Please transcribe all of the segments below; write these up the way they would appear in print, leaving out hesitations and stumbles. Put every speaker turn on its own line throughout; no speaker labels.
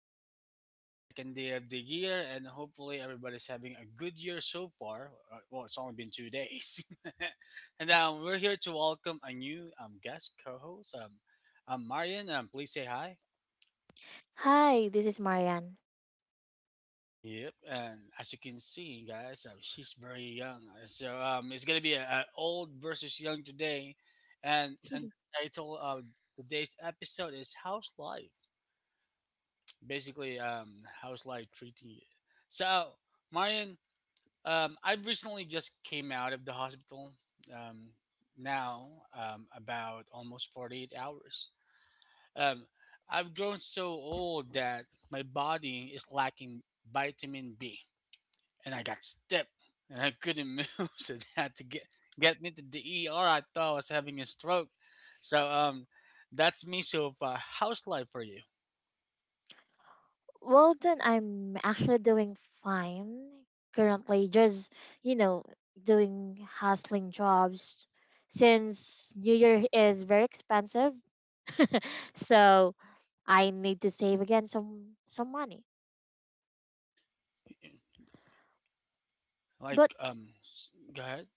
We're finally on the second day of the year, and hopefully, everybody's having a good year so far. Well, it's only been 2 days. And we're here to welcome a new guest co host. Marian, please say hi.
Hi, this is Marianne.
Yep, and as you can see, guys, she's very young. So it's gonna be a old versus young today, and the title of today's episode is House Life. Basically, House Life treating you. So, Marian, I recently just came out of the hospital. Um, now, about almost 48 hours. Um, I've grown so old that my body is lacking vitamin B and I got stiff and I couldn't move, so they had to get me to the ER. I thought I was having a stroke. So that's me so far. How's life for you?
Well done. I'm actually doing fine currently. Just you know, doing hustling jobs since New Year is very expensive. So I need to save again some money. But
Go ahead.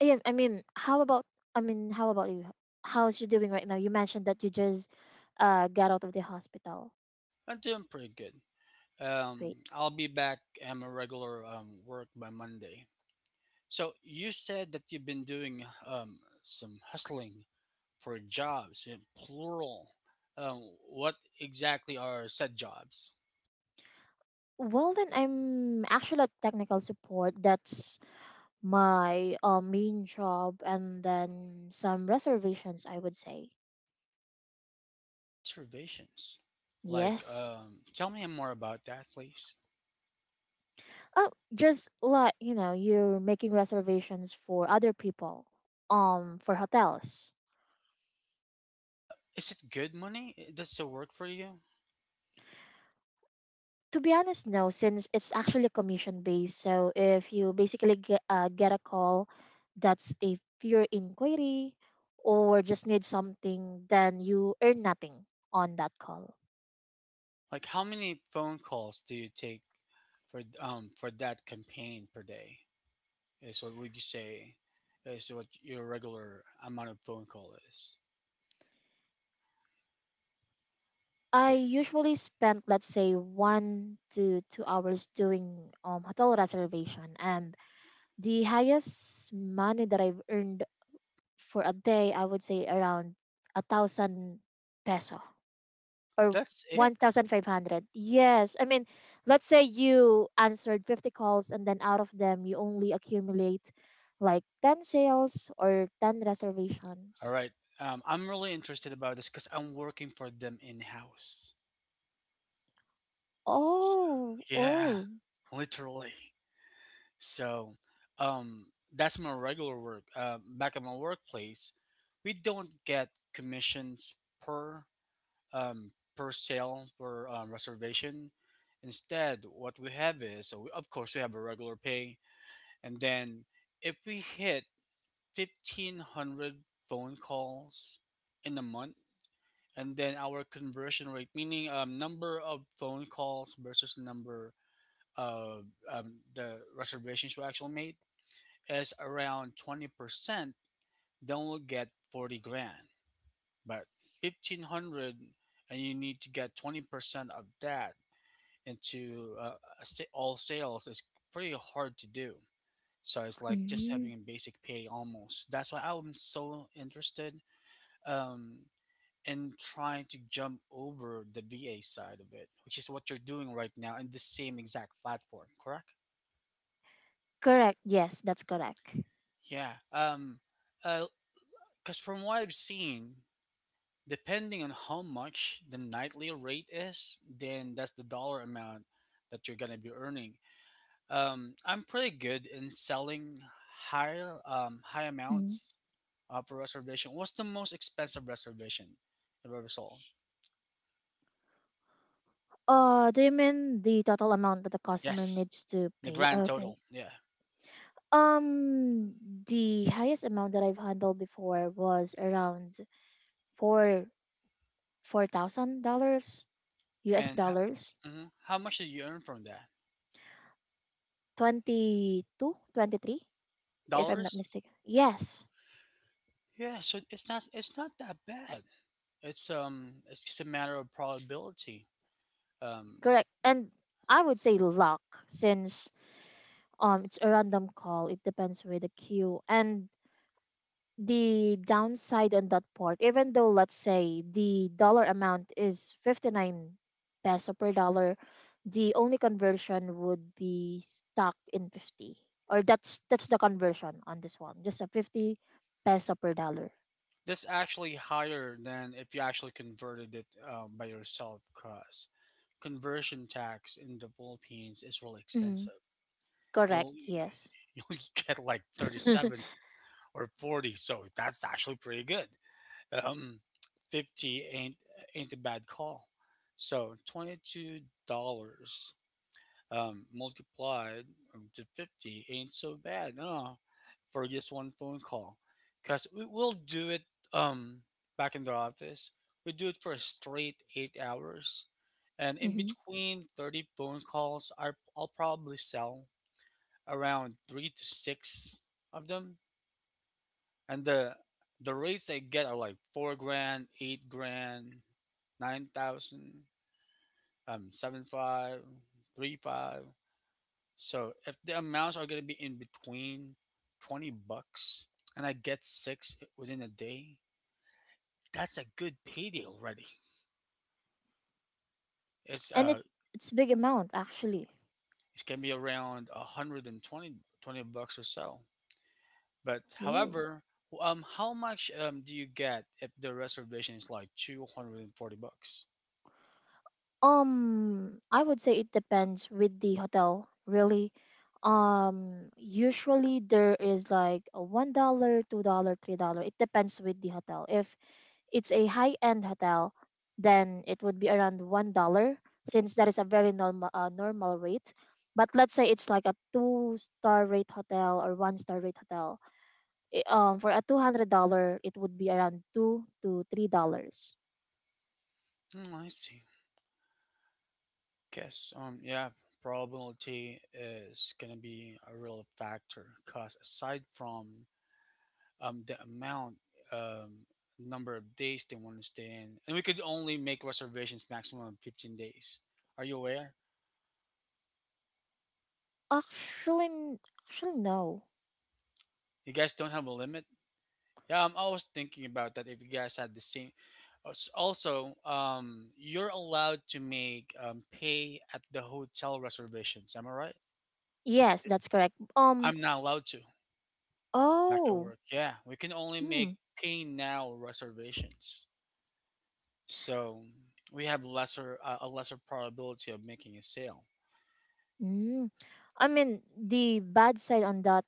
again, I mean, how about you? How's you doing right now? You mentioned that you just got out of the hospital.
I'm doing pretty good.
Great.
I'll be back at my regular work by Monday. So you said that you've been doing some hustling for jobs in plural. What exactly are said jobs?
Well then, I'm actually a technical support. That's my main job, and then some reservations, I would say.
Reservations. Like,
Yes.
tell me more about that, please.
Oh, just like you're making reservations for other people for hotels.
Is it good money? That's the word for you.
To be honest, no, since it's actually commission based. So if you basically get a call that's a pure inquiry or just need something, then you earn nothing on that call.
Like, how many phone calls do you take for that campaign per day? Is what would you say is what your regular amount of phone call is?
I
So
usually spend, let's say, 1 to 2 hours doing hotel reservation, and the highest money that I've earned for a day, I would say around 1,000 peso, or
that's it.
1,500. Yes. I mean, let's say you answered 50 calls, and then out of them you only accumulate like ten sales or ten
All
reservations.
right. I'm really interested about this because I'm working for them in house. So,
Oh
yeah,
oh
literally. So um, that's my regular work. Back at my workplace, we don't get commissions per per sale per reservation. Instead, what we have is so of course we have a regular pay, and then if we hit 1,500 phone calls in a month, and then our conversion rate, meaning number of phone calls versus number of the reservations we actually made is around 20%, then we'll get 40 grand. But 1,500 and you need to get 20% of that into all sales is pretty hard to do. So it's like just
Hmm.
having a basic pay almost. That's why I'm so interested um, in trying to jump over the VA side of it, which is what you're doing right now in the same exact platform, correct?
Correct, yes, that's correct.
Yeah. Uh. Because from what I've seen, depending on how much the nightly rate is, then that's the dollar amount that you're gonna be earning. I'm pretty good in selling high amounts for reservation. What's the most expensive reservation you've ever sold?
Do you mean the total amount that the customer
Yes,
needs to
the
pay?
grand
Okay.
total. Yeah,
Um, the highest amount that I've handled before was around four four thousand dollars, US
and
dollars,
how much did you earn from that?
22, 23, if I'm not
Dollars?
mistaken. Yes,
Yeah, so it's not that bad. It's just a matter of probability. Um,
correct. And I would say luck, since it's a random call. It depends with the queue and the downside on that part. Even though, let's say, the dollar amount is 59 peso per dollar, the only conversion would be stuck in 50. Or that's the conversion on this one. Just a 50 peso per dollar.
That's actually higher than if you actually converted it by yourself, because conversion tax in the Philippines is really
Hmm.
expensive.
Correct,
You'll
yes.
you'll get like 37 or 40, so that's actually pretty good. Um, 50 ain't a bad call. So $22 multiplied to 50 ain't so bad no, for just one phone call. Because we will do it um, back in the office. We do it for a straight 8 hours. And in
Hmm.
between 30 phone calls, I'll probably sell around three to six of them. And the rates I get are like 4 grand, 8 grand, 9,000, seven five, three five. So if the amounts are gonna be in between $20 and I get six within a day, that's a good payday already. It's
And it,
uh
it's big amount actually.
it can be around 120 20 twenty bucks or so. But
Ooh.
however, how much do you get if the reservation is like $240?
I would say it depends with the hotel, really. Usually there is like a $1, $2, $3. It depends with the hotel. If it's a high end hotel, then it would be around $1, since that is a very normal rate. But let's say it's like a two-star rate hotel or one star rate hotel. For a $200, it would be around $2 to $3.
Mm, I see. Guess yeah, probability is gonna be a real factor because aside from the amount, um, number of days they want to stay in, and we could only make reservations maximum of 15 days. Are you aware?
Actually, n- actually no.
You guys don't have a limit. Yeah, I'm always thinking about that. If you guys had the same, also, you're allowed to make pay at the hotel reservations. Am I right?
Yes, that's correct.
I'm not allowed to back to
Oh.
work. Yeah, we can only
Hmm.
make pay now reservations. So we have lesser a lesser probability of making a sale.
Mm. I mean, the bad side on that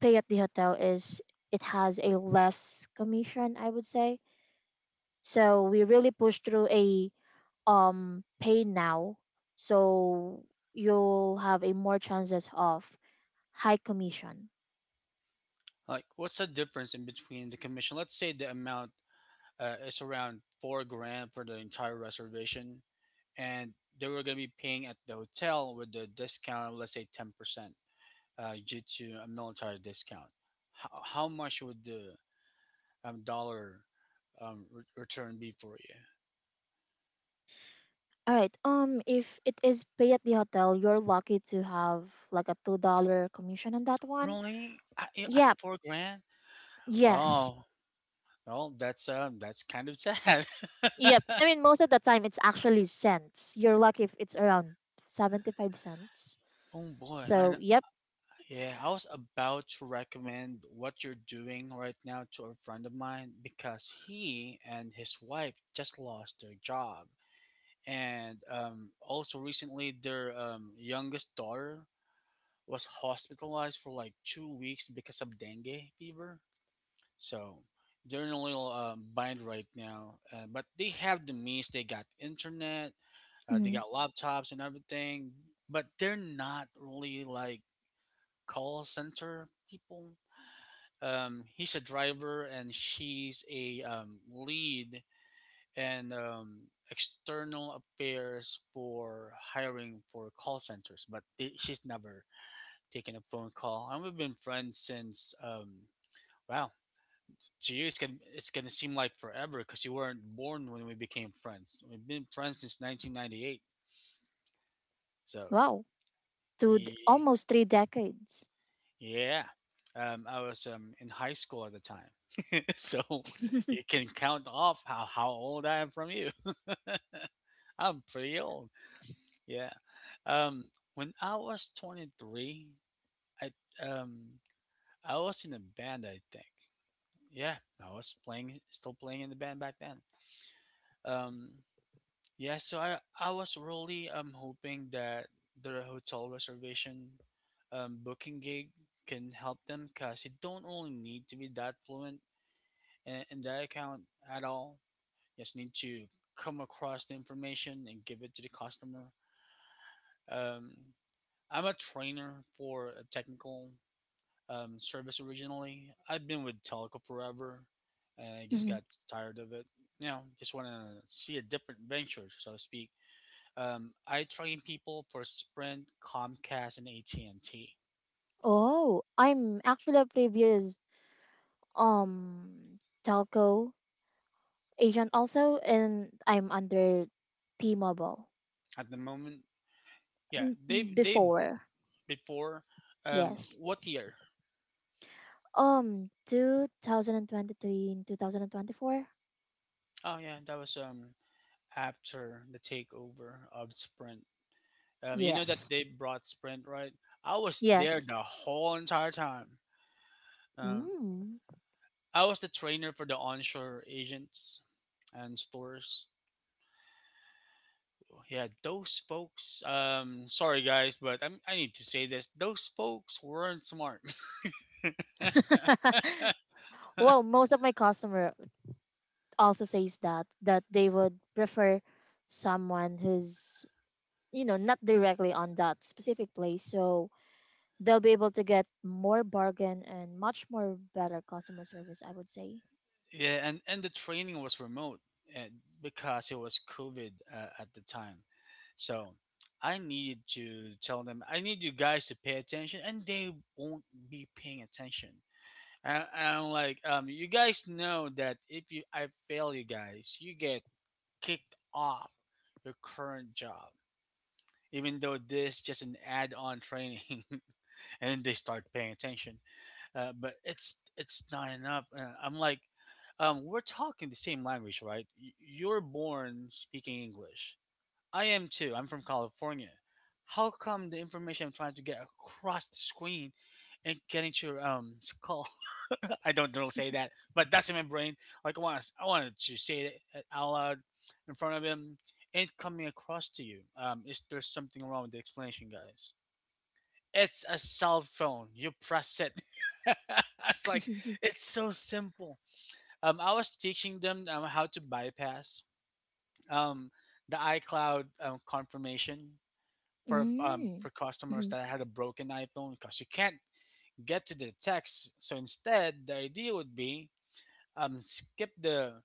pay at the hotel is it has a less commission, I would say. So we really push through a pay now, so you'll have a more chances of high commission.
Like, what's the difference in between the commission? Let's say the amount is around 4 grand for the entire reservation, and they were going to be paying at the hotel with the discount, let's say 10% due to a military discount. How much would the dollar return be for you?
All right. If it is pay at the hotel, you're lucky to have like a $2 commission on that one.
Really? At
Yep.
4 grand?
Yes.
Oh, well, that's kind of sad.
Yep. I mean, most of the time it's actually cents. You're lucky if it's around 75 cents.
Oh boy, I
So yep.
yeah, I was about to recommend what you're doing right now to a friend of mine because he and his wife just lost their job. And also recently, their youngest daughter was hospitalized for like 2 weeks because of dengue fever. So they're in a little bind right now. But they have the means, they got internet, they
Hmm.
got laptops and everything, but they're not really like call center people. He's a driver and she's a lead and external affairs for hiring for call centers, but she's never taken a phone call, and we've been friends since wow, to you it's gonna seem like forever because you weren't born when we became friends. We've been friends since 1998, so
Wow. To
yeah.
almost three decades.
Yeah. I was in high school at the time. So you can count off how old I am from you. I'm pretty old. Yeah. Um, when I was 23, I um, I was in a band, I think. Yeah, I was still playing in the band back then. Um, Yeah, so I was really hoping that the hotel reservation booking gig can help them because you don't really need to be that fluent in that account at all. You just need to come across the information and give it to the customer. Um, I'm a trainer for a technical service originally. I've been with Telco forever, and I just
Hmm.
got tired of it. You know, just want to see a different venture, so to speak. I train people for Sprint, Comcast, and AT&T
Oh, I'm actually a previous um telco agent also, and I'm under T-Mobile.
at the moment. Yeah,
Mm, before.
before.
Yes.
What year?
2023 and 2024?
Oh yeah, that was after the takeover of Sprint. You know that
Yes.
they brought Sprint, right? I was there
Yes.
the whole entire time. Um,
Mm.
I was the trainer for the onshore agents and stores. Yeah, those folks. Sorry guys, but I need to say this. Those folks weren't smart.
Well, most of my customer also says that they would prefer someone who's not directly on that specific place, so they'll be able to get more bargain and much more better customer service, I would say.
Yeah, and the training was remote and because it was COVID at the time. So I needed to tell them, I need you guys to pay attention, and they won't be paying attention. And I'm like, you guys know that if you I fail you guys, you get kicked off your current job, even though this just an add-on training, and they start paying attention but it's not enough. And I'm like, we're talking the same language, right? You're born speaking English. I am too. I'm from California. How come the information I'm trying to get across the screen and getting to your skull? I don't know say that, but that's in my brain. Like I wanted to say it out loud in front of him and coming across to you. Is there something wrong with the explanation, guys? It's a cell phone. You press it. It's like it's so simple. I was teaching them how to bypass um, the iCloud confirmation for
Mm.
customers
Mhm.
that had a broken iPhone because you can't get to the text. So instead, the idea would be skip the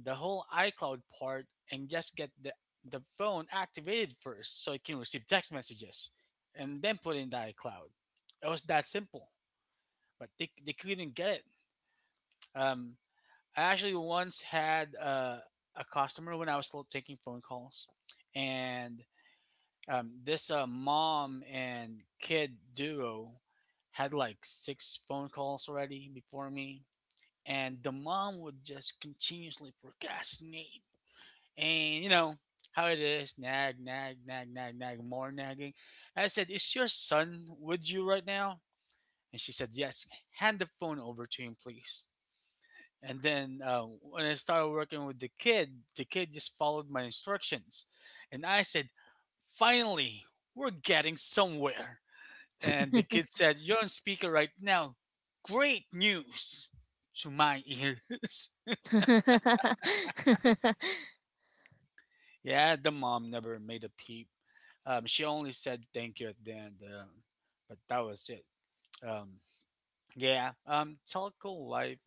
the whole iCloud part and just get the phone activated first so it can receive text messages and then put in the iCloud. It was that simple. But they couldn't get it. Um, I actually once had a customer when I was still taking phone calls, and this mom and kid duo had like six phone calls already before me, and the mom would just continuously procrastinate, and you know how it is, nag, nag, nag, nag, nag, more nagging. And I said, "Is your son with you right now?" And she said, "Yes." Hand the phone over to him, please. And then when I started working with the kid just followed my instructions. And I said, finally, we're getting somewhere. And the kid said, "You're on speaker right now." Great news to my ears. Yeah, the mom never made a peep. She only said thank you at the end, but that was it. Um, yeah, telco life,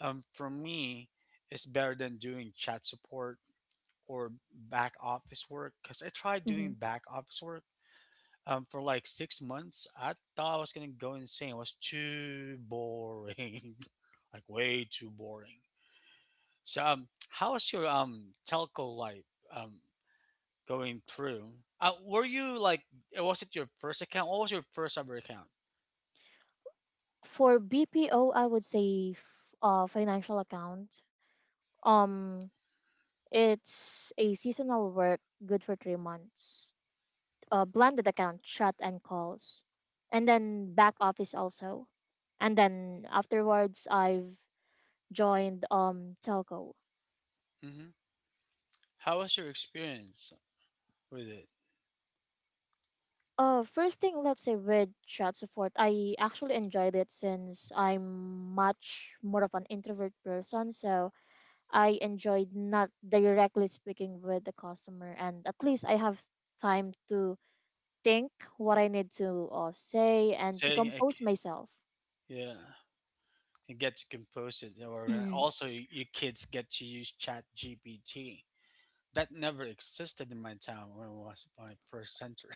for me, is better than doing chat support or back office work because I tried doing
Mhm.
back office work for like 6 months. I thought I was gonna go insane. It was too boring, like way too boring. So, how was your telco life um going through? Uh, were you like, was it your first account? What was your first ever account?
For BPO, I would say financial account. Um, it's a seasonal work, good for 3 months. Blended account, chat and calls, and then back office also. And then afterwards, I've joined telco.
Mm-hmm. How was your experience with it?
First thing, let's say with chat support, I actually enjoyed it, since I'm much more of an introvert person, so I enjoyed not directly speaking with the customer, and at least I have time to think what I need to say and to
Say, like,
compose myself.
yeah, and get to compose it, or
Mhm.
also you kids get to use Chat GPT. That never existed in my town when I was my first center.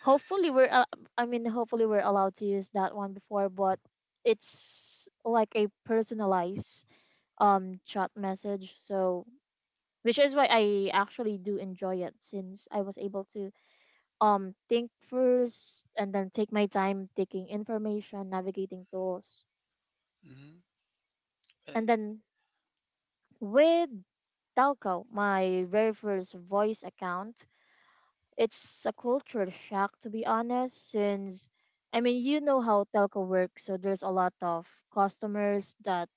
Hopefully, we're allowed to use that one before, but it's like a personalized chat message. So which is why I actually do enjoy it, since I was able to think first and then take my time taking information, navigating tools.
Mm-hmm.
And then with Telco, my very first voice account, it's a culture shock, to be honest, since I mean you know how Telco works, so there's a lot of customers that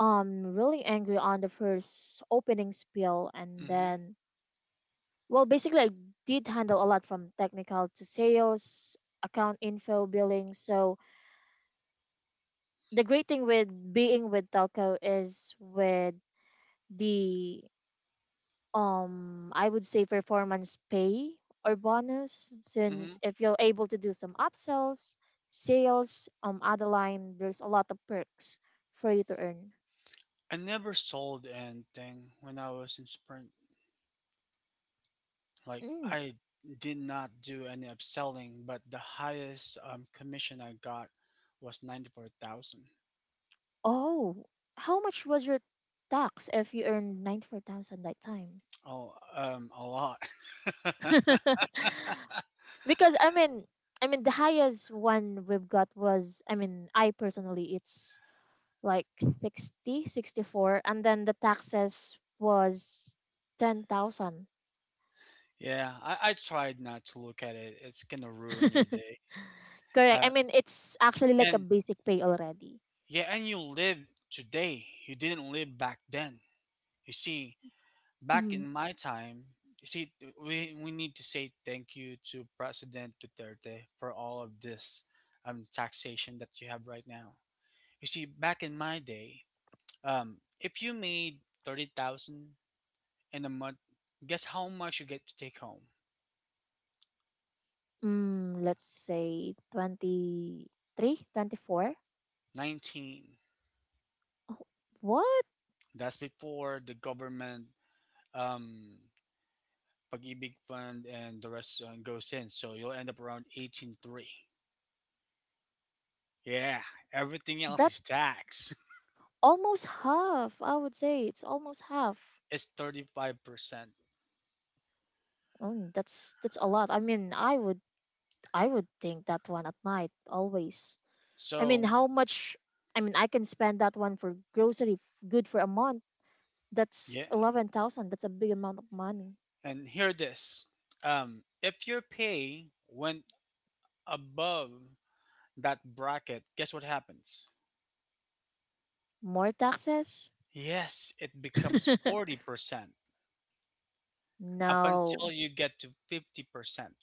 really angry on the first opening spiel. And
Mm-hmm.
then, well, basically I did handle a lot, from technical to sales, account info, billing. So the great thing with being with Telco is with the I would say performance pay or bonus,
Mm-hmm.
since if you're able to do some upsells, sales, other line, there's a lot of perks for you to earn.
I never sold anything when I was in Sprint. Like
Mm.
I did not do any upselling, but the highest commission I got was 94,000.
Oh, how much was your tax if you earned 94,000 that time?
Oh, a lot.
Because I mean the highest one we've got was, I mean, I personally, it's like 60, 64, and then the taxes was 10,000.
Yeah, I tried not to look at it. It's gonna ruin your day.
Correct.
Uh,
I mean, it's actually like a
and
basic pay already.
yeah, and you live today. You didn't live back then. You see, back
Mm,
in my time, you see, we need to say thank you to President Duterte for all of this taxation that you have right now. You see, back in my day, if you made 30,000 in a month, guess how much you get to take home?
mm, let's say 23, 24.
19.
Oh, what?
That's before the government um, pag-ibig fund and the rest goes in. So you'll end up around 18.3. Yeah, everything else
That
is tax.
almost half. I would say it's almost half.
It's 35%.
Oh, that's a lot. I mean, I would think that one at night always. I mean,
So,
how much? I mean, I can spend that one for grocery good for a month.
yeah,
That's 11,000. That's a big amount of money.
and hear this. If your pay went above that bracket, guess what happens?
More taxes?
Yes, it becomes 40% up
No,
until you get to 50%.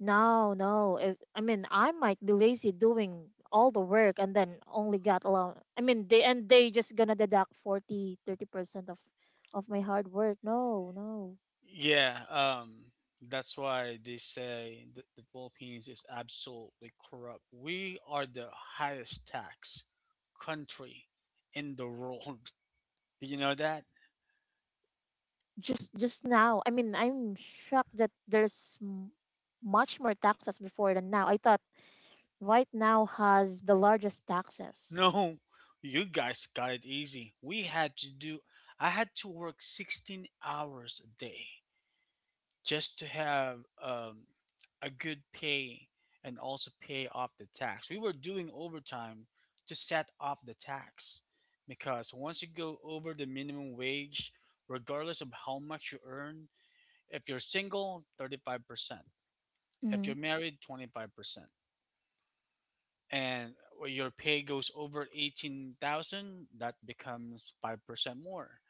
no, no. If, I mean, I might be lazy doing all the work, and then only got alone. I mean, they just gonna deduct 40, 30% of my hard work. No, no.
Yeah, that's why they say that the Philippines is absolutely corrupt. We are the highest tax country in the world. Do you know that?
Just now, I mean, I'm shocked that there's much more taxes before than now. I thought right now has the largest taxes.
No, you guys got it easy. We had to do, I had to work 16 hours a day just to have a good pay and also pay off the tax. We were doing overtime to set off the tax because once you go over the minimum wage, regardless of how much you earn, if you're single, 35%, if
Mm-hmm.
you're married, 25%, and your pay goes over 18,000, that becomes 5% more.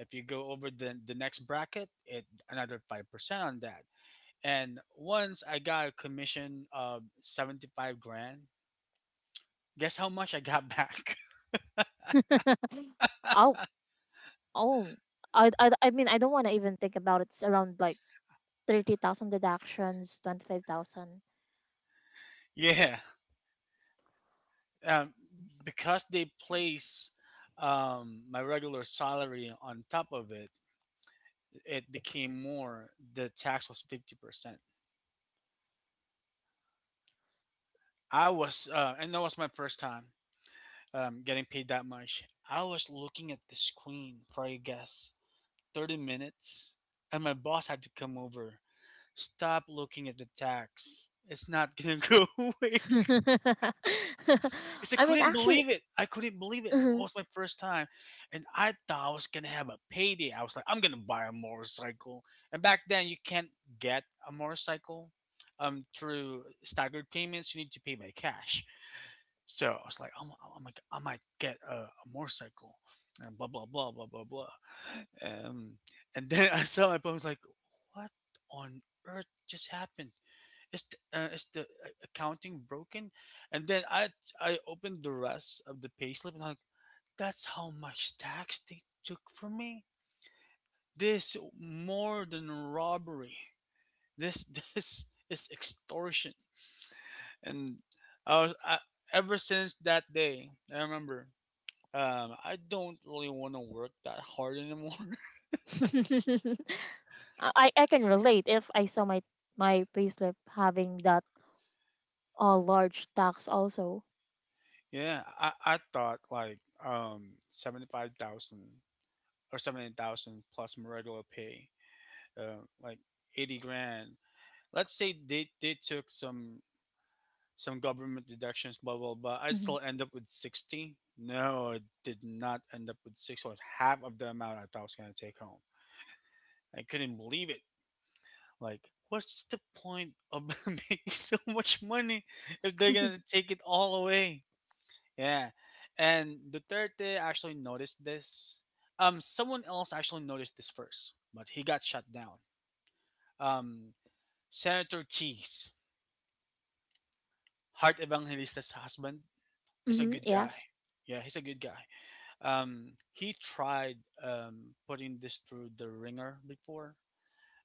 If you go over the next bracket, it another 5% on that. And once I got a commission of 75 grand, guess how much I got back?
Oh, oh, I mean, I don't want to even think about it. It's around like 30,000 deductions 25,000.
Yeah. Um, because they place my regular salary on top of it, it became more. The tax was 50%. I was, and that was my first time getting paid that much. I was looking at the screen for I guess 30 minutes, and my boss had to come over. Stop looking at the tax. It's not gonna go away. Because I
I mean,
couldn't
actually,
believe it. I couldn't believe it. It
I
was my first time, and I thought I was gonna have a payday. I was like, I'm gonna buy a motorcycle. And back then, you can't get a motorcycle through staggered payments. You need to pay by cash. So I was like, I'm like, I might get a motorcycle, and blah blah blah blah blah blah. Um, and then I saw it, but I was like, what on earth just happened? Is is the accounting broken? And then I opened the rest of the payslip, and I'm like, that's how much tax they took from me. This more than robbery. This this is extortion. And I was I, ever since that day, I remember I don't really want to work that hard anymore.
I can relate if I saw my payslip having that large tax also.
Yeah, I thought like 75,000 or 70,000 plus my regular pay, like 80 grand. Let's say they took some government deductions, blah blah blah. I
Hmm,
still end up with 60. No, I did not end up with six. It was half of the amount I thought I was gonna take home. I couldn't believe it. Like, what's the point of making so much money if they're gonna take it all away? Yeah. And Duterte actually noticed this. Someone else actually noticed this first, but he got shut down. Um, Senator Cheese, Heart Evangelista's husband, is a
hmm.
good guy.
Yes.
Yeah, he's a good guy. He tried putting this through the ringer before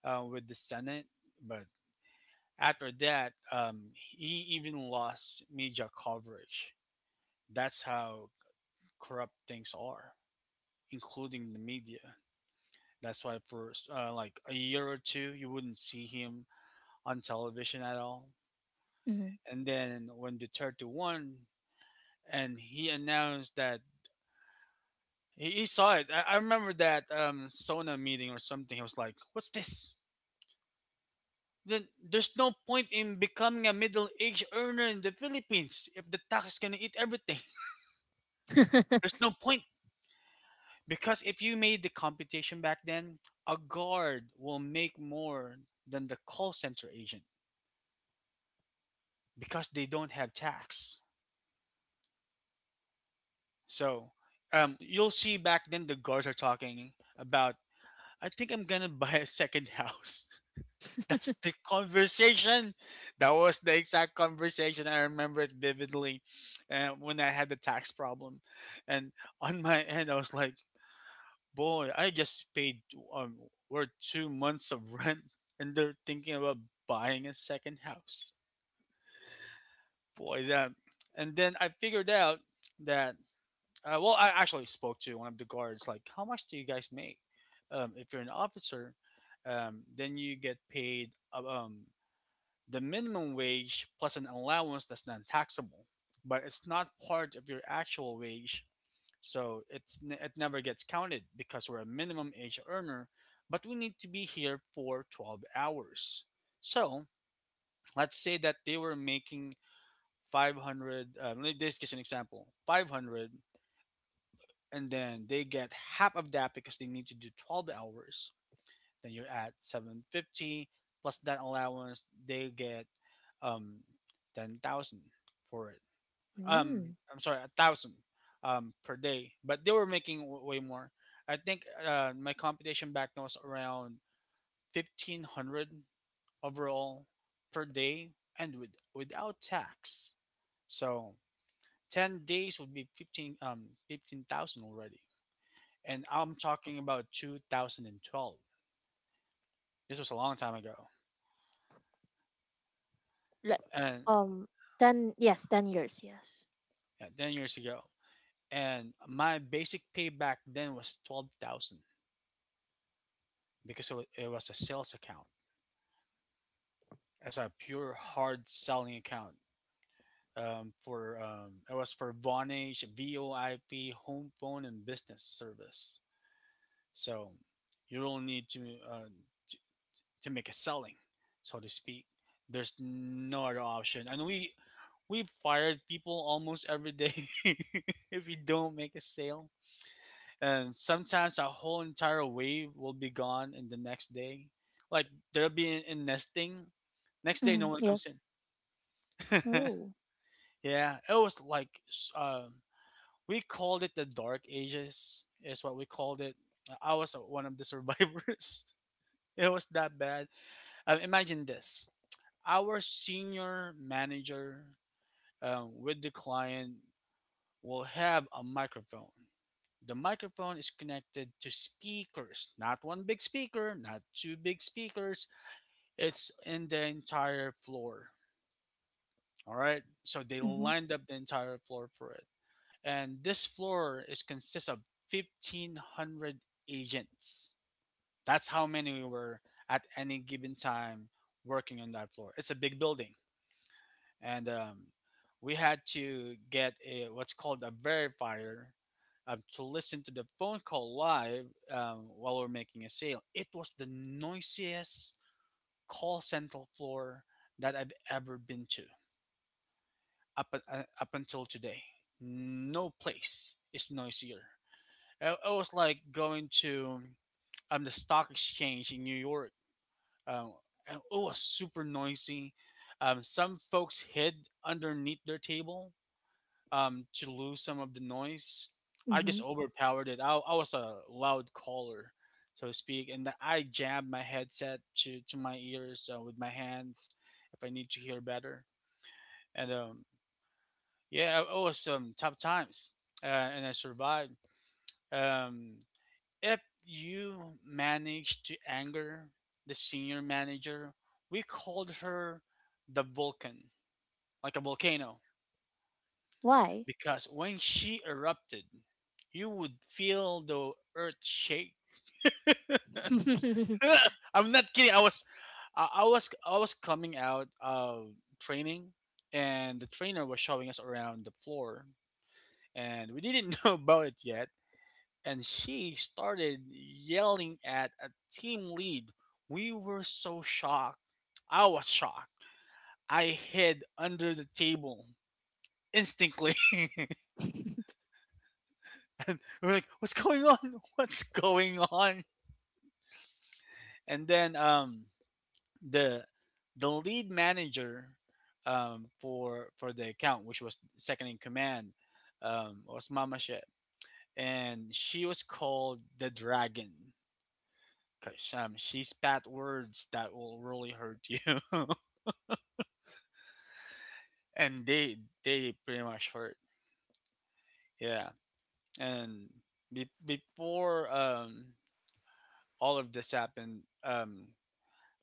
with the Senate, but after that, he even lost media coverage. That's how corrupt things are, including the media. That's why for like a year or two, you wouldn't see him on television at all.
Hmm.
And then when Duterte won, and he announced that he saw it. I remember that Sona meeting or something. He was like, "What's this? Then there's no point in becoming a middle-aged earner in the Philippines if the tax is gonna eat everything. There's no point because if you made the computation back then, a guard will make more than the call center agent because they don't have tax." So you'll see back then the guards are talking about, I think I'm gonna buy a second house. That's the conversation. That was the exact conversation. I remember it vividly when I had the tax problem. And on my end, I was like, boy, I just paid um, or 2 months of rent and they're thinking about buying a second house. Boy, that. And then I figured out that well, I actually spoke to one of the guards, like, how much do you guys make? If you're an officer, then you get paid the minimum wage plus an allowance that's non taxable, but it's not part of your actual wage. So it never gets counted because we're a minimum wage earner, but we need to be here for 12 hours. So let's say that they were making 500, this is an example, 500 and then they get half of that because they need to do 12 hours, then you're at 750 plus that allowance they get, um 10,000 for it.
Mm.
I'm sorry, a thousand per day. But they were making way more. I think my computation back then was around 1500 overall per day, and without tax. So 10 days would be 15, 15,000 already, and I'm talking about 2012. This was a long time ago,
Like,
and
um, ten, yes, 10 years. Yes.
yeah, 10 years ago. And my basic pay back then was 12,000 because it was a sales account. It's a pure hard selling account. For it was for Vonage, VoIP, home phone, and business service. So you don't need to uh, to, to make a selling, so to speak. There's no other option, and we've fired people almost every day if we don't make a sale. And sometimes our whole entire wave will be gone in the next day. Like there'll be in nesting. Next day, no
Hmm.
one comes
Yes.
in.
Oh.
Yeah, it was like we called it the Dark Ages, is what we called it. I was one of the survivors. It was that bad. Imagine this: our senior manager with the client will have a microphone. The microphone is connected to speakers, not one big speaker, not two big speakers. It's in the entire floor. All right. So they
Hmm,
lined up the entire floor for it. And this floor is consists of 1500 agents. That's how many we were at any given time working on that floor. It's a big building. And We had to get a, what's called a verifier, to listen to the phone call live, while we're making a sale. It was the noisiest call center floor that I've ever been to up until today. No place is noisier. It was like going to the stock exchange in New York. Um, and it was super noisy. Some folks hid underneath their table to lose some of the noise. I
hmm.
just overpowered it. I was a loud caller, so to speak, and I jabbed my headset to my ears with my hands if I need to hear better. And yeah, it was some tough times, and I survived. Um, if you manage to anger the senior manager, we called her the Vulcan, like a volcano.
Why?
Because when she erupted, you would feel the earth shake. I'm not kidding. I was coming out of training, and the trainer was showing us around the floor, and we didn't know about it yet. And she started yelling at a team lead. We were so shocked. I was shocked. I hid under the table instinctively. We're like, "What's going on? What's going on?" And then the lead manager for the account, which was second in command, was Mama Shep. And she was called the dragon because she spat words that will really hurt you. And they pretty much hurt, yeah. And before all of this happened,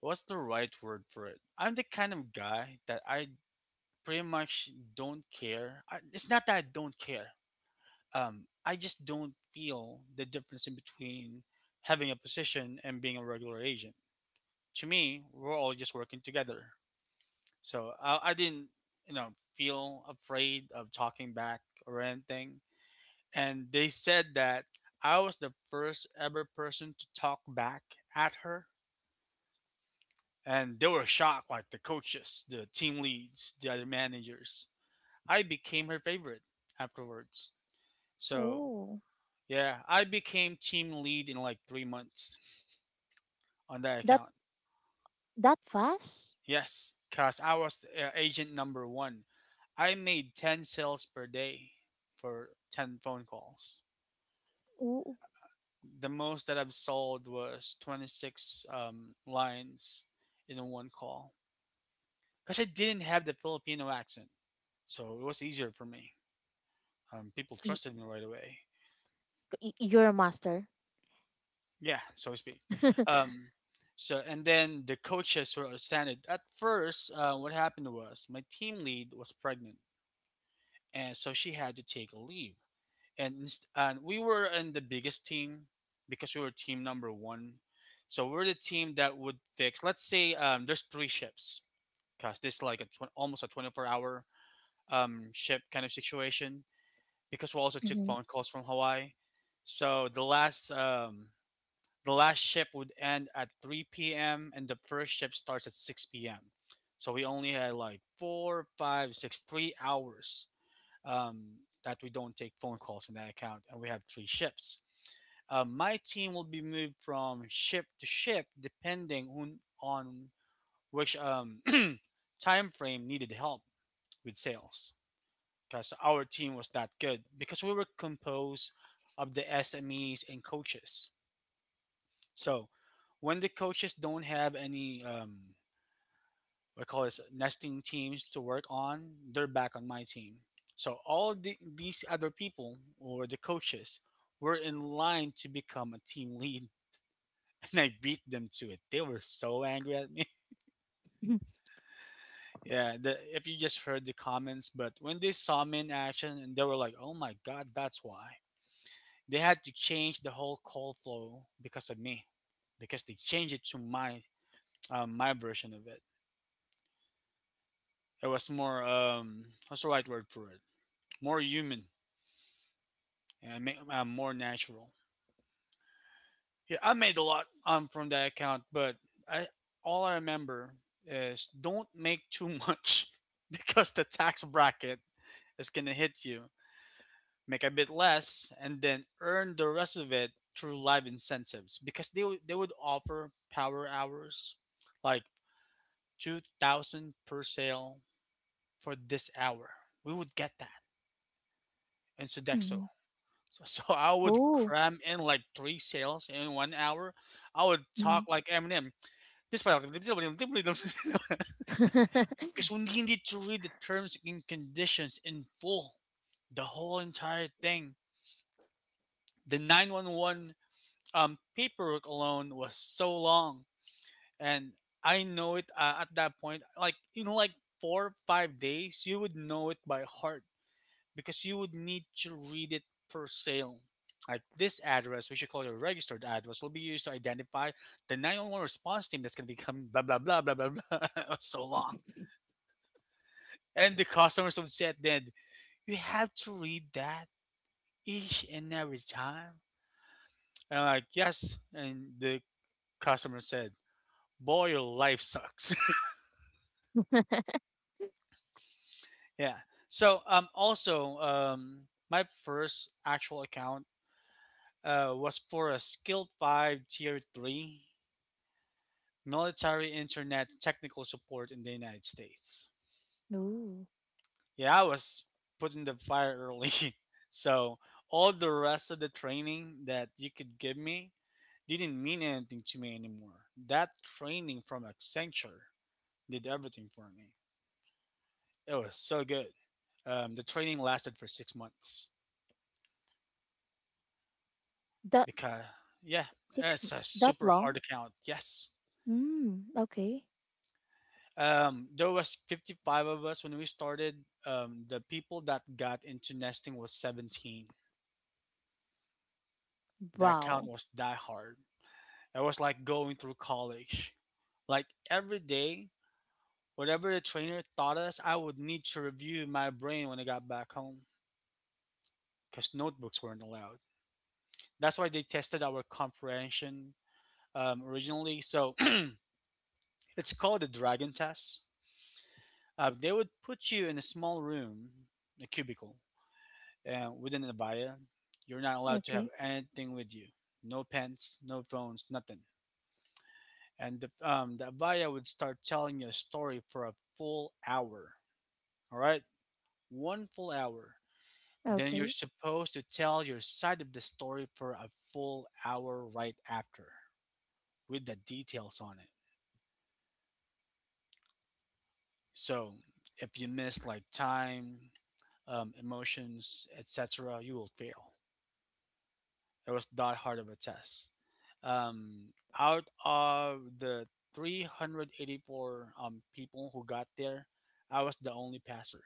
what's the right word for it, I'm the kind of guy that I pretty much don't care. I, it's not that I don't care. I just don't feel the difference in between having a position and being a regular agent. To me, we're all just working together. So I didn't, you know, feel afraid of talking back or anything. And they said that I was the first ever person to talk back at her. And they were shocked, like the coaches, the team leads, the other managers. I became her favorite afterwards. So
Oh,
yeah, I became team lead in like 3 months on that
that
account.
that fast?
Yes, cause I was agent number one. I made ten sales per day for ten phone calls.
Oh,
The most that I've sold was 26 lines in one call. Cause I didn't have the Filipino accent, so it was easier for me. People
y-
trusted me right away.
you're a master.
Yeah, so to speak. Um, so and then the coaches were ascended. At first, what happened was my team lead was pregnant, and so she had to take a leave. And we were in the biggest team because we were team number one. So we're the team that would fix. Let's say there's three shifts, because this is like a almost a 24 hour shift kind of situation. Because we also took
Mhm.
phone calls from Hawaii. So the last shift would end at 3 p.m. and the first shift starts at 6 p.m. So we only had like four, five, six, 3 hours, um, that we don't take phone calls in that account, and we have three shifts. My team will be moved from shift to shift depending on which time frame needed help with sales, because our team was that good because we were composed of the SMEs and coaches. So when the coaches don't have any, what I call this, nesting teams to work on, they're back on my team. So all these other people or the coaches were in line to become a team lead, and I beat them to it. They were so angry at me. Yeah, if you just heard the comments, but when they saw me in action, and they were like, "Oh my God, that's why." They had to change the whole call flow because of me, because they changed it to my version of it. It was more what's the right word for it? More human and more natural. Yeah, I made a lot from that account, but I all I remember is don't make too much because the tax bracket is gonna hit you. Make a bit less and then earn the rest of it through live incentives, because they would offer power hours like 2,000 per sale for this hour. We would get that in Sodexo.
Mhm.
So, so I would
Oh.
cram in like three sales in one hour. I would talk
Mhm.
like Eminem. This part, because we needed to read the terms and conditions in full, the whole entire thing. The 911 paperwork alone was so long, and I know it at that point. Like in like 4 or 5 days, you would know it by heart, because you would need to read it per sale. Like this address, which you call your registered address, will be used to identify the 911 response team that's going to be coming, blah, blah, blah, blah, blah, blah. So long. And the customers would say then, you have to read that each and every time. And I'm like, yes. And the customer said, boy, your life sucks. Yeah. So also, my first actual account was for a skill 5 tier 3 military internet technical support in the United States.
Ooh.
Yeah, I was put in the fire early. So all the rest of the training that you could give me didn't mean anything to me anymore. That training from Accenture did everything for me. It was so good. The training lasted for 6 months
That
because, yeah,
six m-
it's a
that
super hard
long?
account. Yes.
Mm, okay.
There was 55 of us when we started. The people that got into nesting was 17. That account
Wow.
was die hard. It was like going through college. Like every day, whatever the trainer taught us, I would need to review in my brain when I got back home because notebooks weren't allowed. That's why they tested our comprehension, originally. So it's called the dragon test. They would put you in a small room, a cubicle, within an abaya. You're not allowed to have
Okay.
anything with you. No pens, no phones, nothing. And the Avaya would start telling you a story for a full hour. All right, one full hour. Then you're
Okay.
supposed to tell your side of the story for a full hour right after, with the details on it. So if you miss like time, emotions, etc., you will fail. It was that hard of a test. Um, Out of the 384 people who got there, I was the only passer.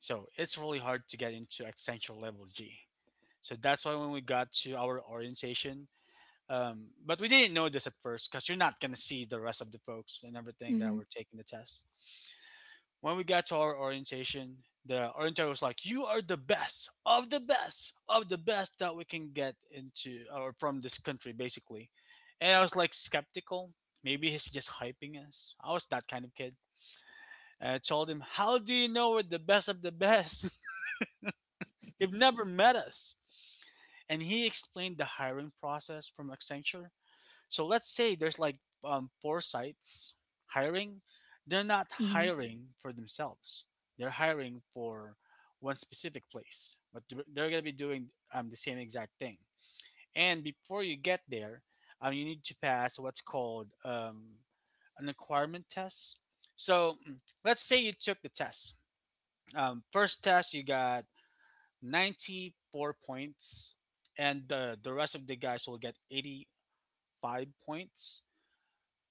So it's really hard to get into Accenture level G. So that's why when we got to our orientation, but we didn't know this at first because you're not gonna see the rest of the folks and everything that
Mhm.
were taking the test. When we got to our orientation, the orienter was like, "You are the best of the best of the best that we can get into or from this country, basically." And I was like skeptical. Maybe he's just hyping us. I was that kind of kid. And I told him, "How do you know we're the best of the best?" They have never met us. And he explained the hiring process from Accenture. So let's say there's like four sites hiring. They're not
Mhm.
hiring for themselves. They're hiring for one specific place, but they're going to be doing the same exact thing. And before you get there, you need to pass what's called an acquirement test. So let's say you took the test. First test, you got 94 points, and the rest of the guys will get 85 points.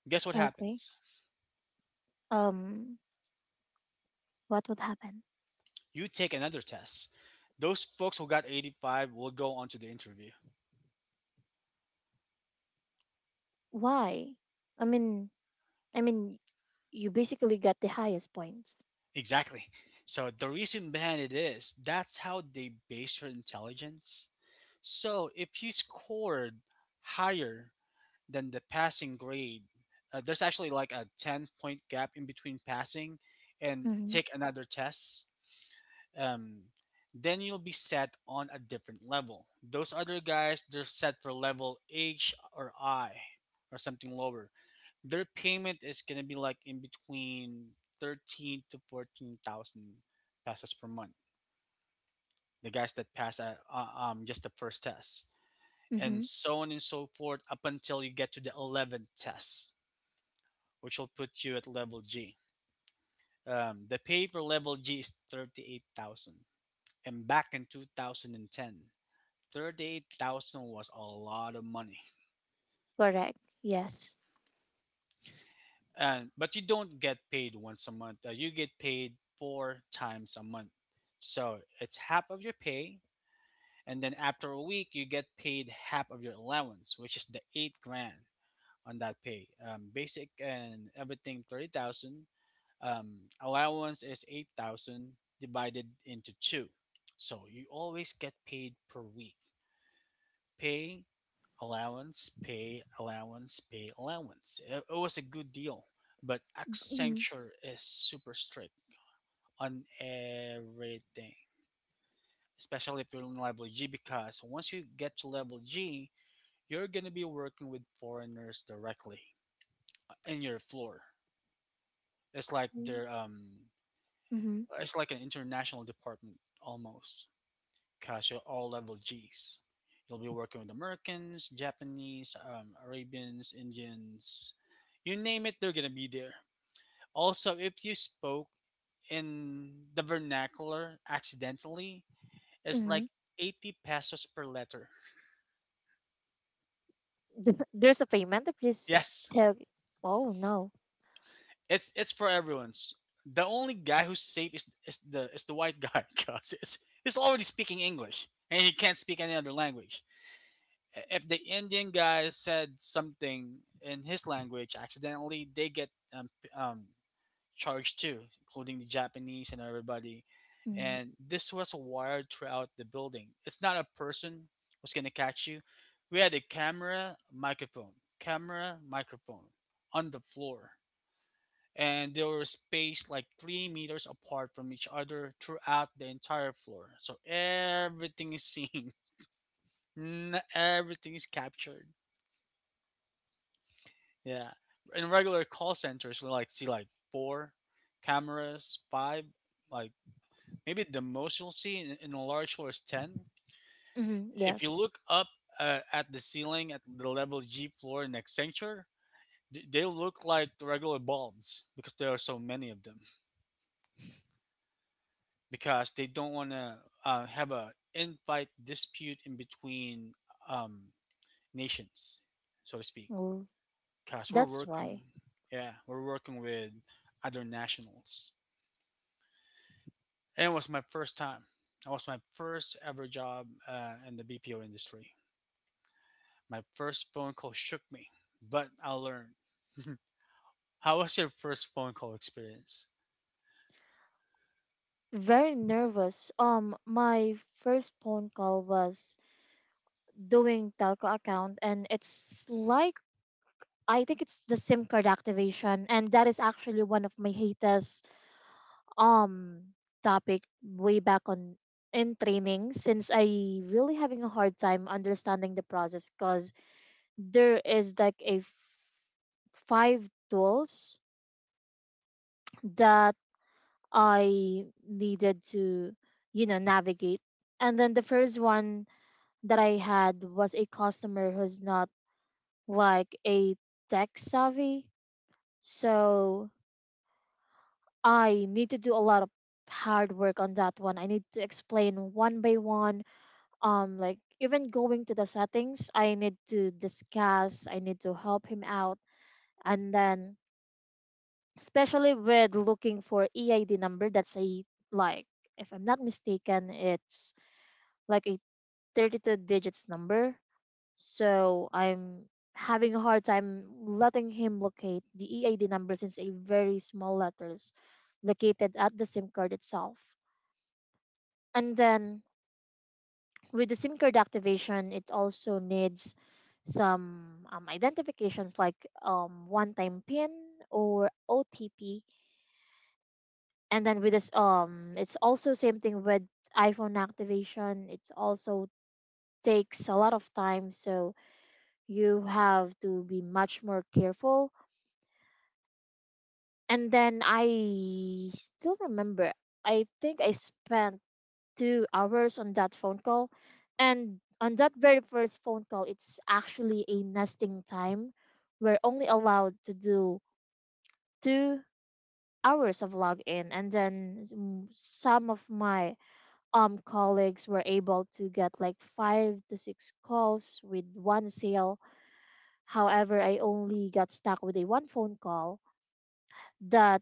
Guess what
Okay.
happens?
Um what would happen?
You take another test. Those folks who got 85 will go on to the interview.
Why? I mean, I mean you basically got the highest points.
Exactly. So the reason behind it is that's how they base your intelligence. So if you scored higher than the passing grade, there's actually like a 10 point gap in between passing and
Mhm.
take another test. um, then you'll be set on a different level. Those other guys, they're set for level H or I or something lower. Their payment is gonna be like in between thirteen to fourteen thousand pesos per month. The guys that pass just the first test, and
Mhm.
so on and so forth up until you get to the eleventh test, which will put you at level G. The pay for level G is 38,000, and back in 2010, 38,000 was a lot of money.
Correct. Yes.
And but you don't get paid once a month. You get paid four times a month. So it's half of your pay, and then after a week you get paid half of your allowance, which is the 8 grand on that pay. Basic and everything 30,000. Allowance is 8,000 divided into 2. So you always get paid per week. Pay allowance, pay allowance, pay allowance. It was a good deal, but Accenture is super strict on everything, especially if you're in level G, because once you get to level G, you're gonna be working with foreigners directly in your floor. It's like
Mhm.
they're
Mm-hmm.
it's like an international department almost, because you're all level Gs. You'll be working with Americans, Japanese, Arabians, Indians, you name it, they're gonna be there. Also, if you spoke in the vernacular accidentally, it's like
Mm.
80 pesos per letter.
There's a payment if you
Yes,
spell. Oh no.
it's for everyone's. The only guy who's safe is is the white guy because it's he's already speaking English and he can't speak any other language. If the Indian guy said something in his language accidentally, they get charged too, including the Japanese and everybody.
Mm.
And this was wired throughout the building. It's not a person who's gonna catch you. We had a camera, microphone on the floor, and they were spaced like 3 meters apart from each other throughout the entire floor. So everything is seen, everything is captured. Yeah. In regular call centers, we like see like four cameras, five, like maybe the most you'll see in a large floor is 10.
Mm-hmm.
If you
Yes.
look up at the ceiling at the level G floor in Accenture, they look like the regular bulbs because there are so many of them. Because they don't want to have a invite dispute in between um, nations, so to speak.
Oh,
Because we're
that's
working,
why.
yeah, we're working with other nationals. And it was my first time. It was my first ever job in the BPO industry. My first phone call shook me, but I learned. How was your first phone call experience?
Very nervous. My first phone call was doing telco account, and it's like I think it's the SIM card activation, and that is actually one of my hatest um topic way back on in training, since I really having a hard time understanding the process, because there is like a five tools that I needed to, navigate. And then the first one that I had was a customer who's not like a tech savvy. So I need to do a lot of hard work on that one. I need to explain one by one. Like even going to the settings, I need to discuss, I need to help him out. And then especially with looking for EID number, that's a like, if I'm not mistaken, it's like a 32 digits number. So I'm having a hard time letting him locate the EID number, since a very small letters located at the SIM card itself. And then with the SIM card activation, it also needs some identifications like one time pin or OTP. And then with this it's also same thing with iPhone activation. It also takes a lot of time, so you have to be much more careful. And then I still remember, I think I spent 2 hours on that phone call. And on that very first phone call, it's actually a nesting time. We're only allowed to do 2 hours of login. And then some of my colleagues were able to get like five to six calls with one sale. However, I only got stuck with a one phone call that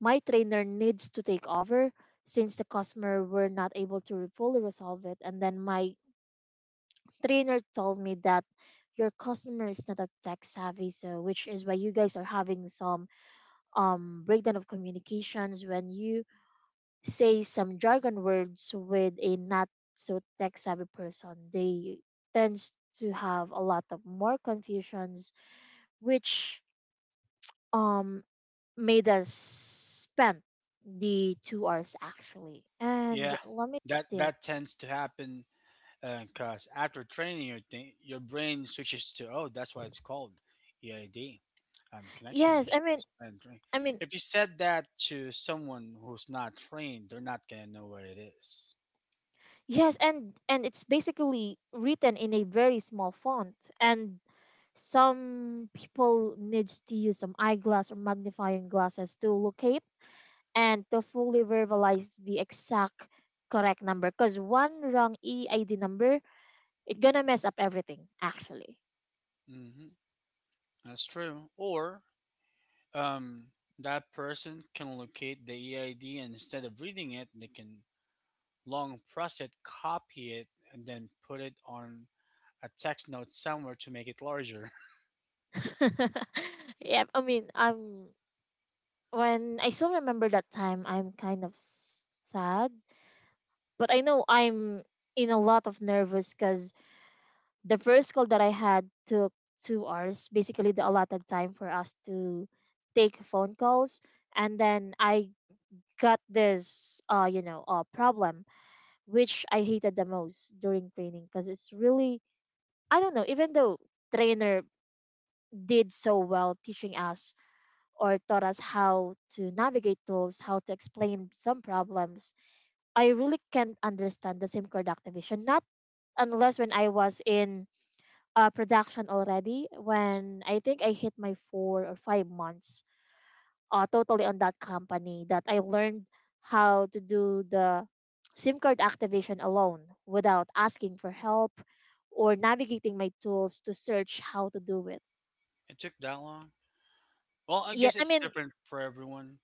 my trainer needs to take over, since the customer were not able to fully resolve it. And then my trainer told me that your customer is not a tech savvy, so which is why you guys are having some breakdown of communications when you say some jargon words with a not so tech savvy person. They tends to have a lot of more confusions, which um made us spend the 2 hours actually. And
Yeah,
let me
that
think.
that tends to happen because after training, your thing, your brain switches to, oh, that's why it's called EID, connection
Yes, I mean,
issues.
I mean,
If you said that to someone who's not trained, they're not gonna know what it is.
yes, and it's basically written in a very small font, and some people needs to use some eyeglass or magnifying glasses to locate and to fully verbalize the exact correct number because one wrong EID number it's gonna mess up everything actually.
Mm-hmm. That's true. Or um, that person can locate the EID and instead of reading it, they can long press it, copy it, and then put it on a text note somewhere to make it larger.
yeah I mean I'm when I still remember that time I'm kind of s- sad, but I know I'm in a lot of nervous because the first call that I had took 2 hours, basically the allotted time for us to take phone calls. And then I got this problem which I hated the most during training because it's really, I don't know, even though trainer did so well teaching us or taught us how to navigate tools, how to explain some problems, I really can't understand the SIM card activation. Not unless when I was in production already, when I think I hit my 4 or 5 months totally on that company that I learned how to do the SIM card activation alone without asking for help or navigating my tools to search how to do it.
It took that long. Well, I
Yeah,
guess
I
it's
mean,
different for everyone.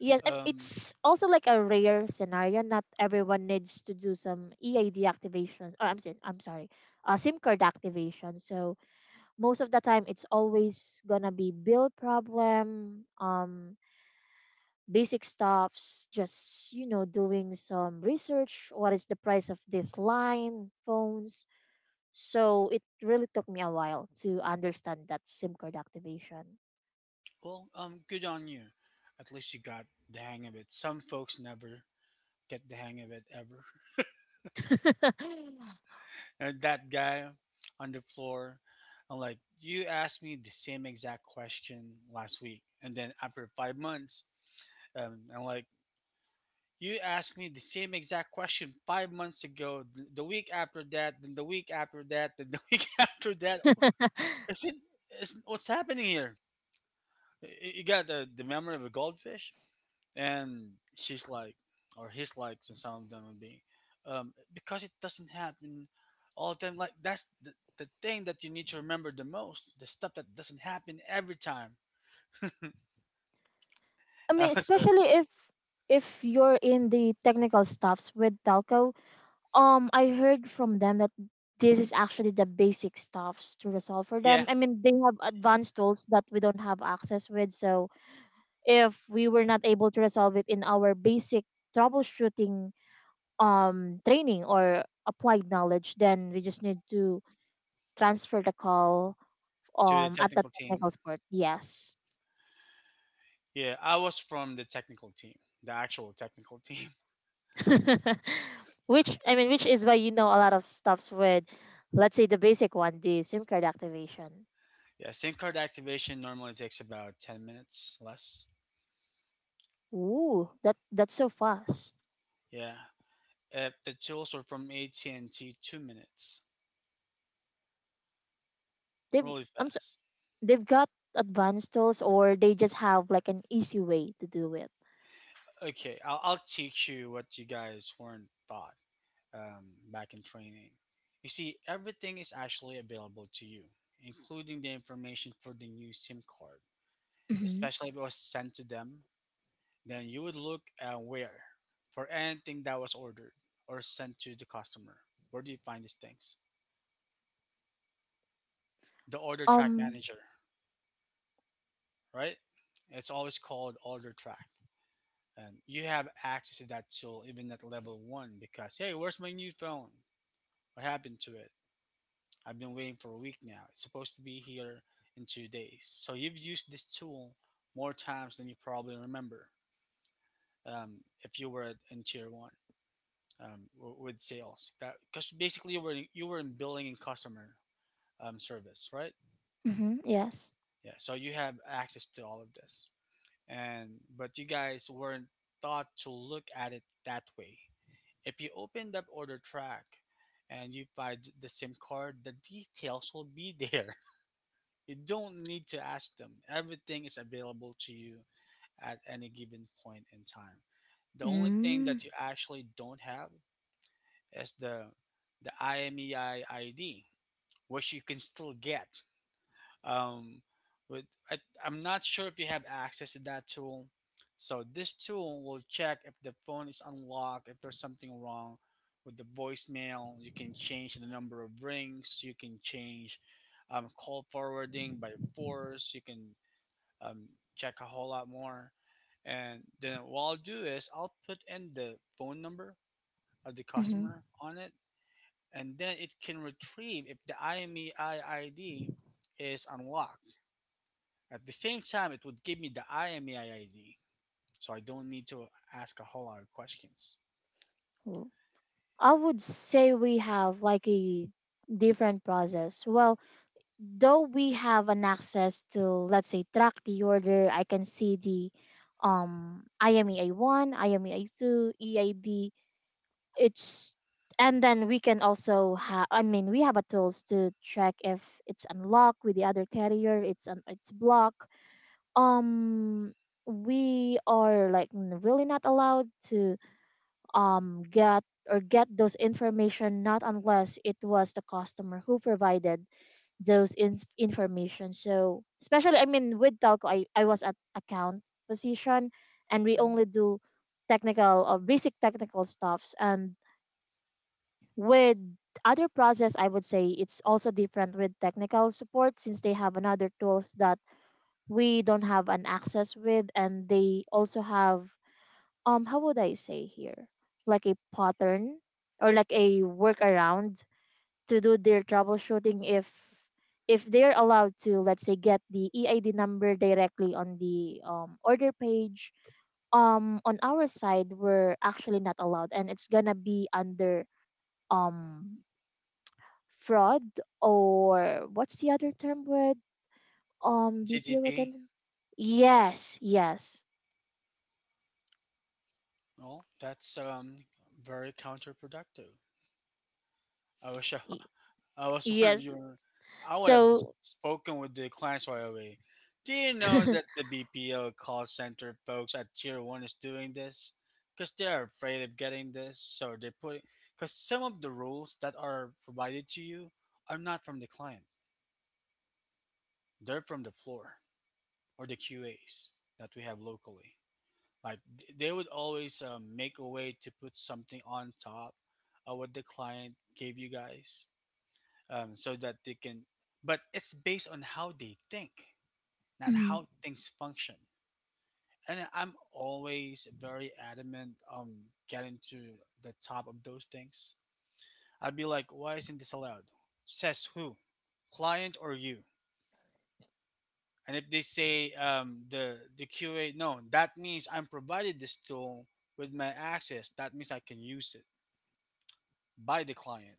yes,
Um,
it's also like a rare scenario. Not everyone needs to do some EID activation. Or I'm sorry, SIM card activation. So most of the time, it's always gonna be bill problem, basic stuffs, just, doing some research. What is the price of this line, phones? So it really took me a while to understand that SIM card activation.
Good on you. At least you got the hang of it. Some folks never get the hang of it ever. And that guy on the floor, I'm like, you asked me the same exact question last week, and then after 5 months. And I'm like, you asked me the same exact question 5 months ago, the week after that, then the week after that, then the week after that.
I
Is it? What's happening here? You got the memory of a goldfish, and she's like, or he's like, so some of them would be, because it doesn't happen all the time. Like that's the thing that you need to remember the most, the stuff that doesn't happen every time.
mean,
That was a
especially if you're in the technical stuffs with telco, I heard from them that this is actually the basic stuffs to resolve for
yeah
them. I mean, they have advanced tools that we don't have access with, so if we were not able to resolve it in our basic troubleshooting, training or applied knowledge, then we just need to transfer the call,
to the
at the
technical team.
technical support. Yes.
Yeah, I was from the technical team, the actual technical team.
Which I mean, which is why you know a lot of stuffs with, let's say the basic one, the SIM card activation.
Yeah, SIM card activation normally takes about 10 minutes less.
Ooh, that's so fast.
Yeah, if the tools are from AT&T, 2 minutes.
They've
Really
I'm so,
fast.
they've got advanced tools, or they just have like an easy way to do it.
Okay, I'll teach you what you guys weren't taught back in training. You see, everything is actually available to you, including the information for the new SIM card,
Hmm.
especially if it was sent to them. Then you would look and where for anything that was ordered or sent to the customer. Where do you find these things? The order track
Um.
manager, right? It's always called order track. And you have access to that tool even at level one because, hey, where's my new phone? What happened to it? I've been waiting for a week now. It's supposed to be here in 2 days. So you've used this tool more times than you probably remember, if you were in tier one. With sales that, because basically you were in billing and customer service, right?
Mhm, yes.
Yeah, so you have access to all of this, and but you guys weren't taught to look at it that way. If you opened up order track and you find the SIM card, the details will be there. You don't need to ask them. Everything is available to you at any given point in time. The only thing
Mm,
that you actually don't have is the IMEI ID, which you can still get. Um, but I, I'm not sure if you have access to that tool. So this tool will check if the phone is unlocked, if there's something wrong with the voicemail. You can change the number of rings. You can change call forwarding by force. You can um, check a whole lot more. And then what I'll do is I'll put in the phone number of the
mhm.
customer on it, and then it can retrieve if the IMEI ID is unlocked. At the same time, it would give me the IMEI ID, so I don't need to ask a whole lot of questions.
I would say we have like a different process. Well, though we have an access to, let's say, track the order, I can see the IMEA one, IMEA two, EID. It's and then we can also have, I mean, we have a tools to track if it's unlocked with the other carrier, it's blocked. Um we are like really not allowed to get or get those information, not unless it was the customer who provided those information. So especially, I mean, with telco, I was at account position and we
Mm.
only do technical or basic technical stuffs. And with other process, I would say it's also different with technical support since they have another tools that we don't have an access with, and they also have, how would I say here? Like a pattern or like a workaround to do their troubleshooting, if they're allowed to, let's say, get the EID number directly on the order page. On our side we're actually not allowed and it's gonna be under, um fraud, or what's the other term with, BPO
GDP,
again? Yes, yes.
well, that's very counterproductive. I wish
y-
I was one of
Yes.
you. I would have
So.
spoken with the clients right away. Do you know that the BPO call center folks at Tier One is doing this? Because they're afraid of getting this, so they put. It. Because some of the rules that are provided to you are not from the client; they're from the floor or the QAs that we have locally. Like they would always make a way to put something on top of what the client gave you guys, so that they can, but it's based on how they think, not
Mhm.
how things function. And I'm always very adamant on getting to the top of those things. I'd be like, why isn't this allowed? Says who? Client or you? And if they say, the QA, no, that means I'm provided this tool with my access, that means I can use it by the client.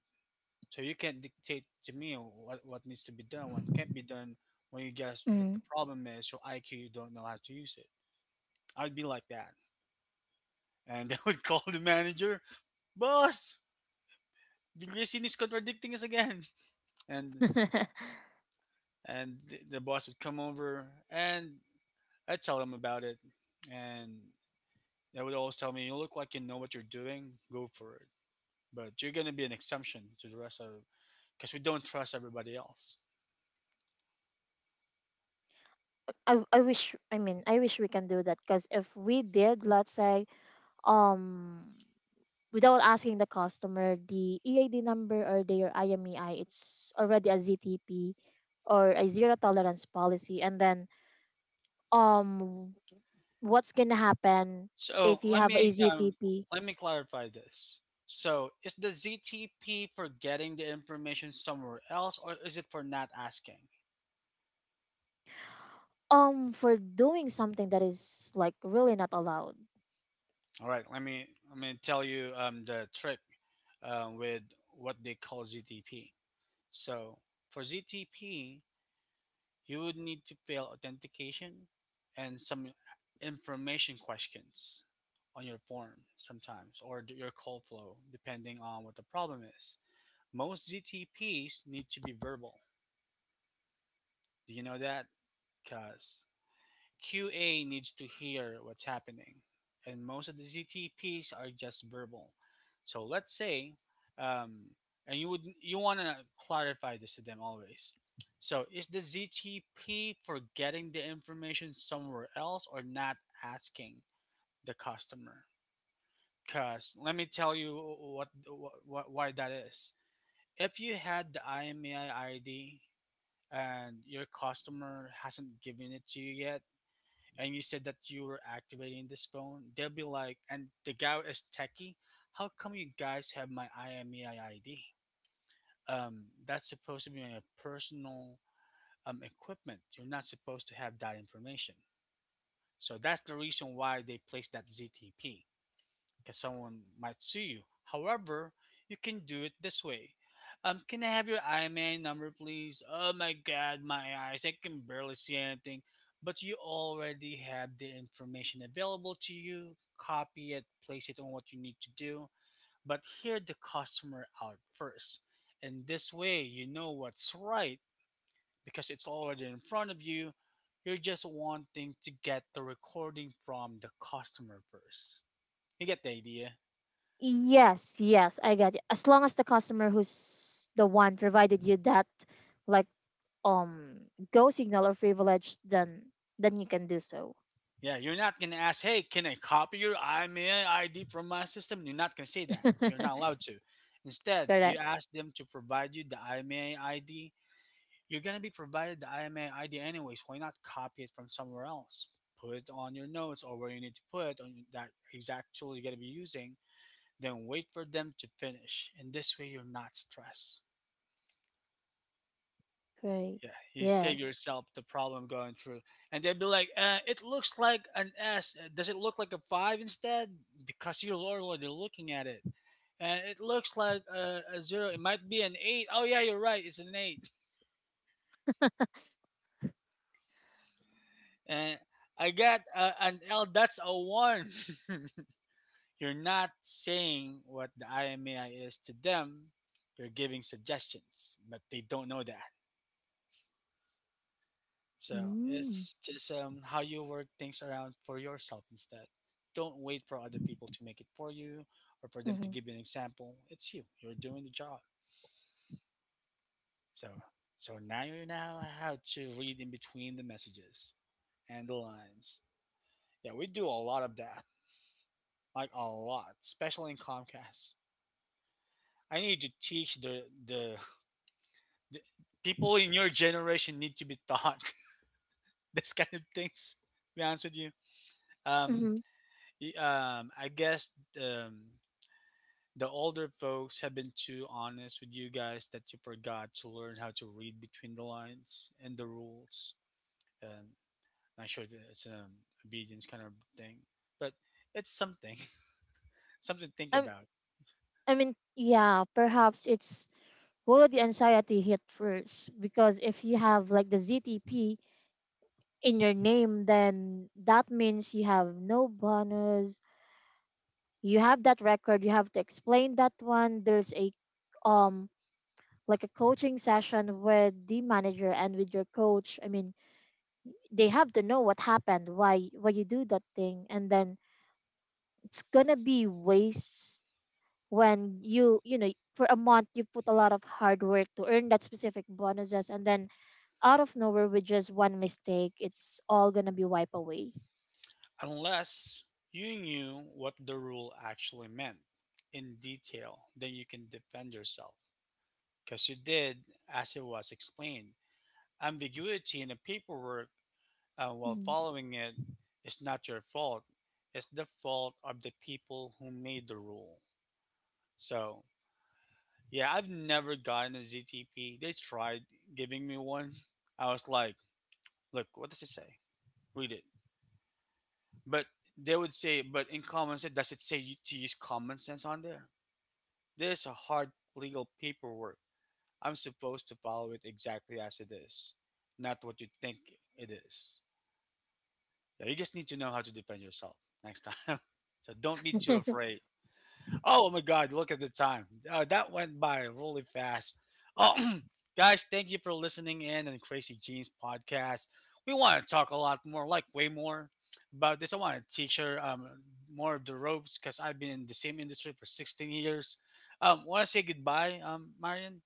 So you can't dictate to me what needs to be done, what can't be done, when you guess that
Mm.
the problem is your IQ, you don't know how to use it. I'd be like that. And they would call the manager, boss, Villasin is contradicting us again. And and the boss would come over and I'd tell them about it. And they would always tell me, you look like you know what you're doing, go for it. But you're going to be an exemption to the rest of because we don't trust everybody else.
I wish, I mean I wish we can do that, because if we did, let's say, um without asking the customer the EID number or their IMEI, it's already a ZTP or a zero tolerance policy. And then, um what's gonna happen
So
if you
let
have a
me,
ZTP,
let me clarify this. So is the ZTP for getting the information somewhere else, or is it for not asking?
for doing something that is like really not allowed.
All right, let me tell you, the trick with what they call ZTP. So for ZTP, you would need to fill authentication and some information questions on your form sometimes, or your call flow, depending on what the problem is. Most ZTPs need to be verbal. Do you know that? Because QA needs to hear what's happening, and most of the ZTPs are just verbal. So let's say, um, and you would, you want to clarify this to them always. So is the ZTP for getting the information somewhere else or not asking the customer? Because let me tell you what why that is. If you had the IMEI ID and your customer hasn't given it to you yet, and you said that you were activating this phone, they'll be like, and the guy is techie, how come you guys have my IMEI ID? That's supposed to be my personal equipment. You're not supposed to have that information. So that's the reason why they placed that ZTP, because someone might sue you. However, you can do it this way. Can I have your IMAN number, please? Oh my God, my eyes! I can barely see anything. But you already have the information available to you. Copy it, place it on what you need to do. But hear the customer out first. And this way, you know what's right because it's already in front of you. You're just wanting to get the recording from the customer first. You get the idea?
Yes, yes, I got it. As long as the customer who's the one provided you that, like, um go signal or privilege, then you can do so.
Yeah, you're not gonna ask, "Hey, can I copy your IMEI ID from my system?" You're not gonna say that. You're not allowed to. Instead, you
Correct.
ask them to provide you the IMEI ID. You're gonna be provided the IMEI ID anyways. Why not copy it from somewhere else? Put it on your notes or where you need to put it on that exact tool you're gonna be using. Then wait for them to finish, and this way you're not stressed.
Right.
Yeah, you save
Yes.
yourself the problem going through, and they'd be like, "It looks like an S. Does it look like a five instead? Because you're already looking at it, and it looks like a zero. It might be an eight. Oh yeah, you're right. It's an eight." And I got an L. That's a one. You're not saying what the IMAI is to them. You're giving suggestions, but they don't know that. So
Mm.
it's just how you work things around for yourself instead. Don't wait for other people to make it for you or for them to
Mm-hmm.
give you an example. It's you. You're doing the job. So so now you know how to read in between the messages and the lines. Yeah, we do a lot of that. Like a lot, especially in Comcast. I need to teach the people in your generation need to be taught this kind of things. To be honest with you. Um,
Mm-hmm.
I guess, um, the older folks have been too honest with you guys that you forgot to learn how to read between the lines and the rules. Um, Not sure that it's an obedience kind of thing, but it's something, something to think
I,
about.
I mean, yeah, perhaps it's, will the anxiety hit first, because if you have like the ZTP in your name, then that means you have no bonus. You have that record. You have to explain that one. There's a, um like a coaching session with the manager and with your coach. I mean, they have to know what happened, why you do that thing. And then it's gonna be waste when you know, for a month you put a lot of hard work to earn that specific bonuses, and then out of nowhere with just one mistake, it's all gonna be wiped away.
Unless you knew what the rule actually meant in detail, then you can defend yourself. Because you did as it was explained. Ambiguity in the paperwork, while
Mhm.
following it, is not your fault, it's the fault of the people who made the rule. So, yeah, I've never gotten a ZTP. They tried giving me one. I was like, look, what does it say? Read it. But they would say, but in common sense, does it say you to use common sense on there? There's a hard legal paperwork. I'm supposed to follow it exactly as it is, not what you think it is. Yeah, you just need to know how to defend yourself next time. So don't be too afraid. Oh my God, look at the time. That went by really fast. Oh, guys, thank you for listening in on Crazy Jeans podcast. We want to talk a lot more, like way more about this. I want to teach her, more of the ropes because I've been in the same industry for 16 years. Want to say goodbye, Marion?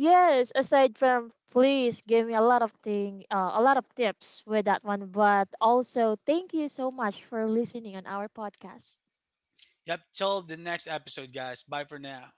Yes, aside from, please give me a lot of thing a lot of tips with that one, but also thank you so much for listening on our podcast.
Yep, till the next episode, guys. Bye for now.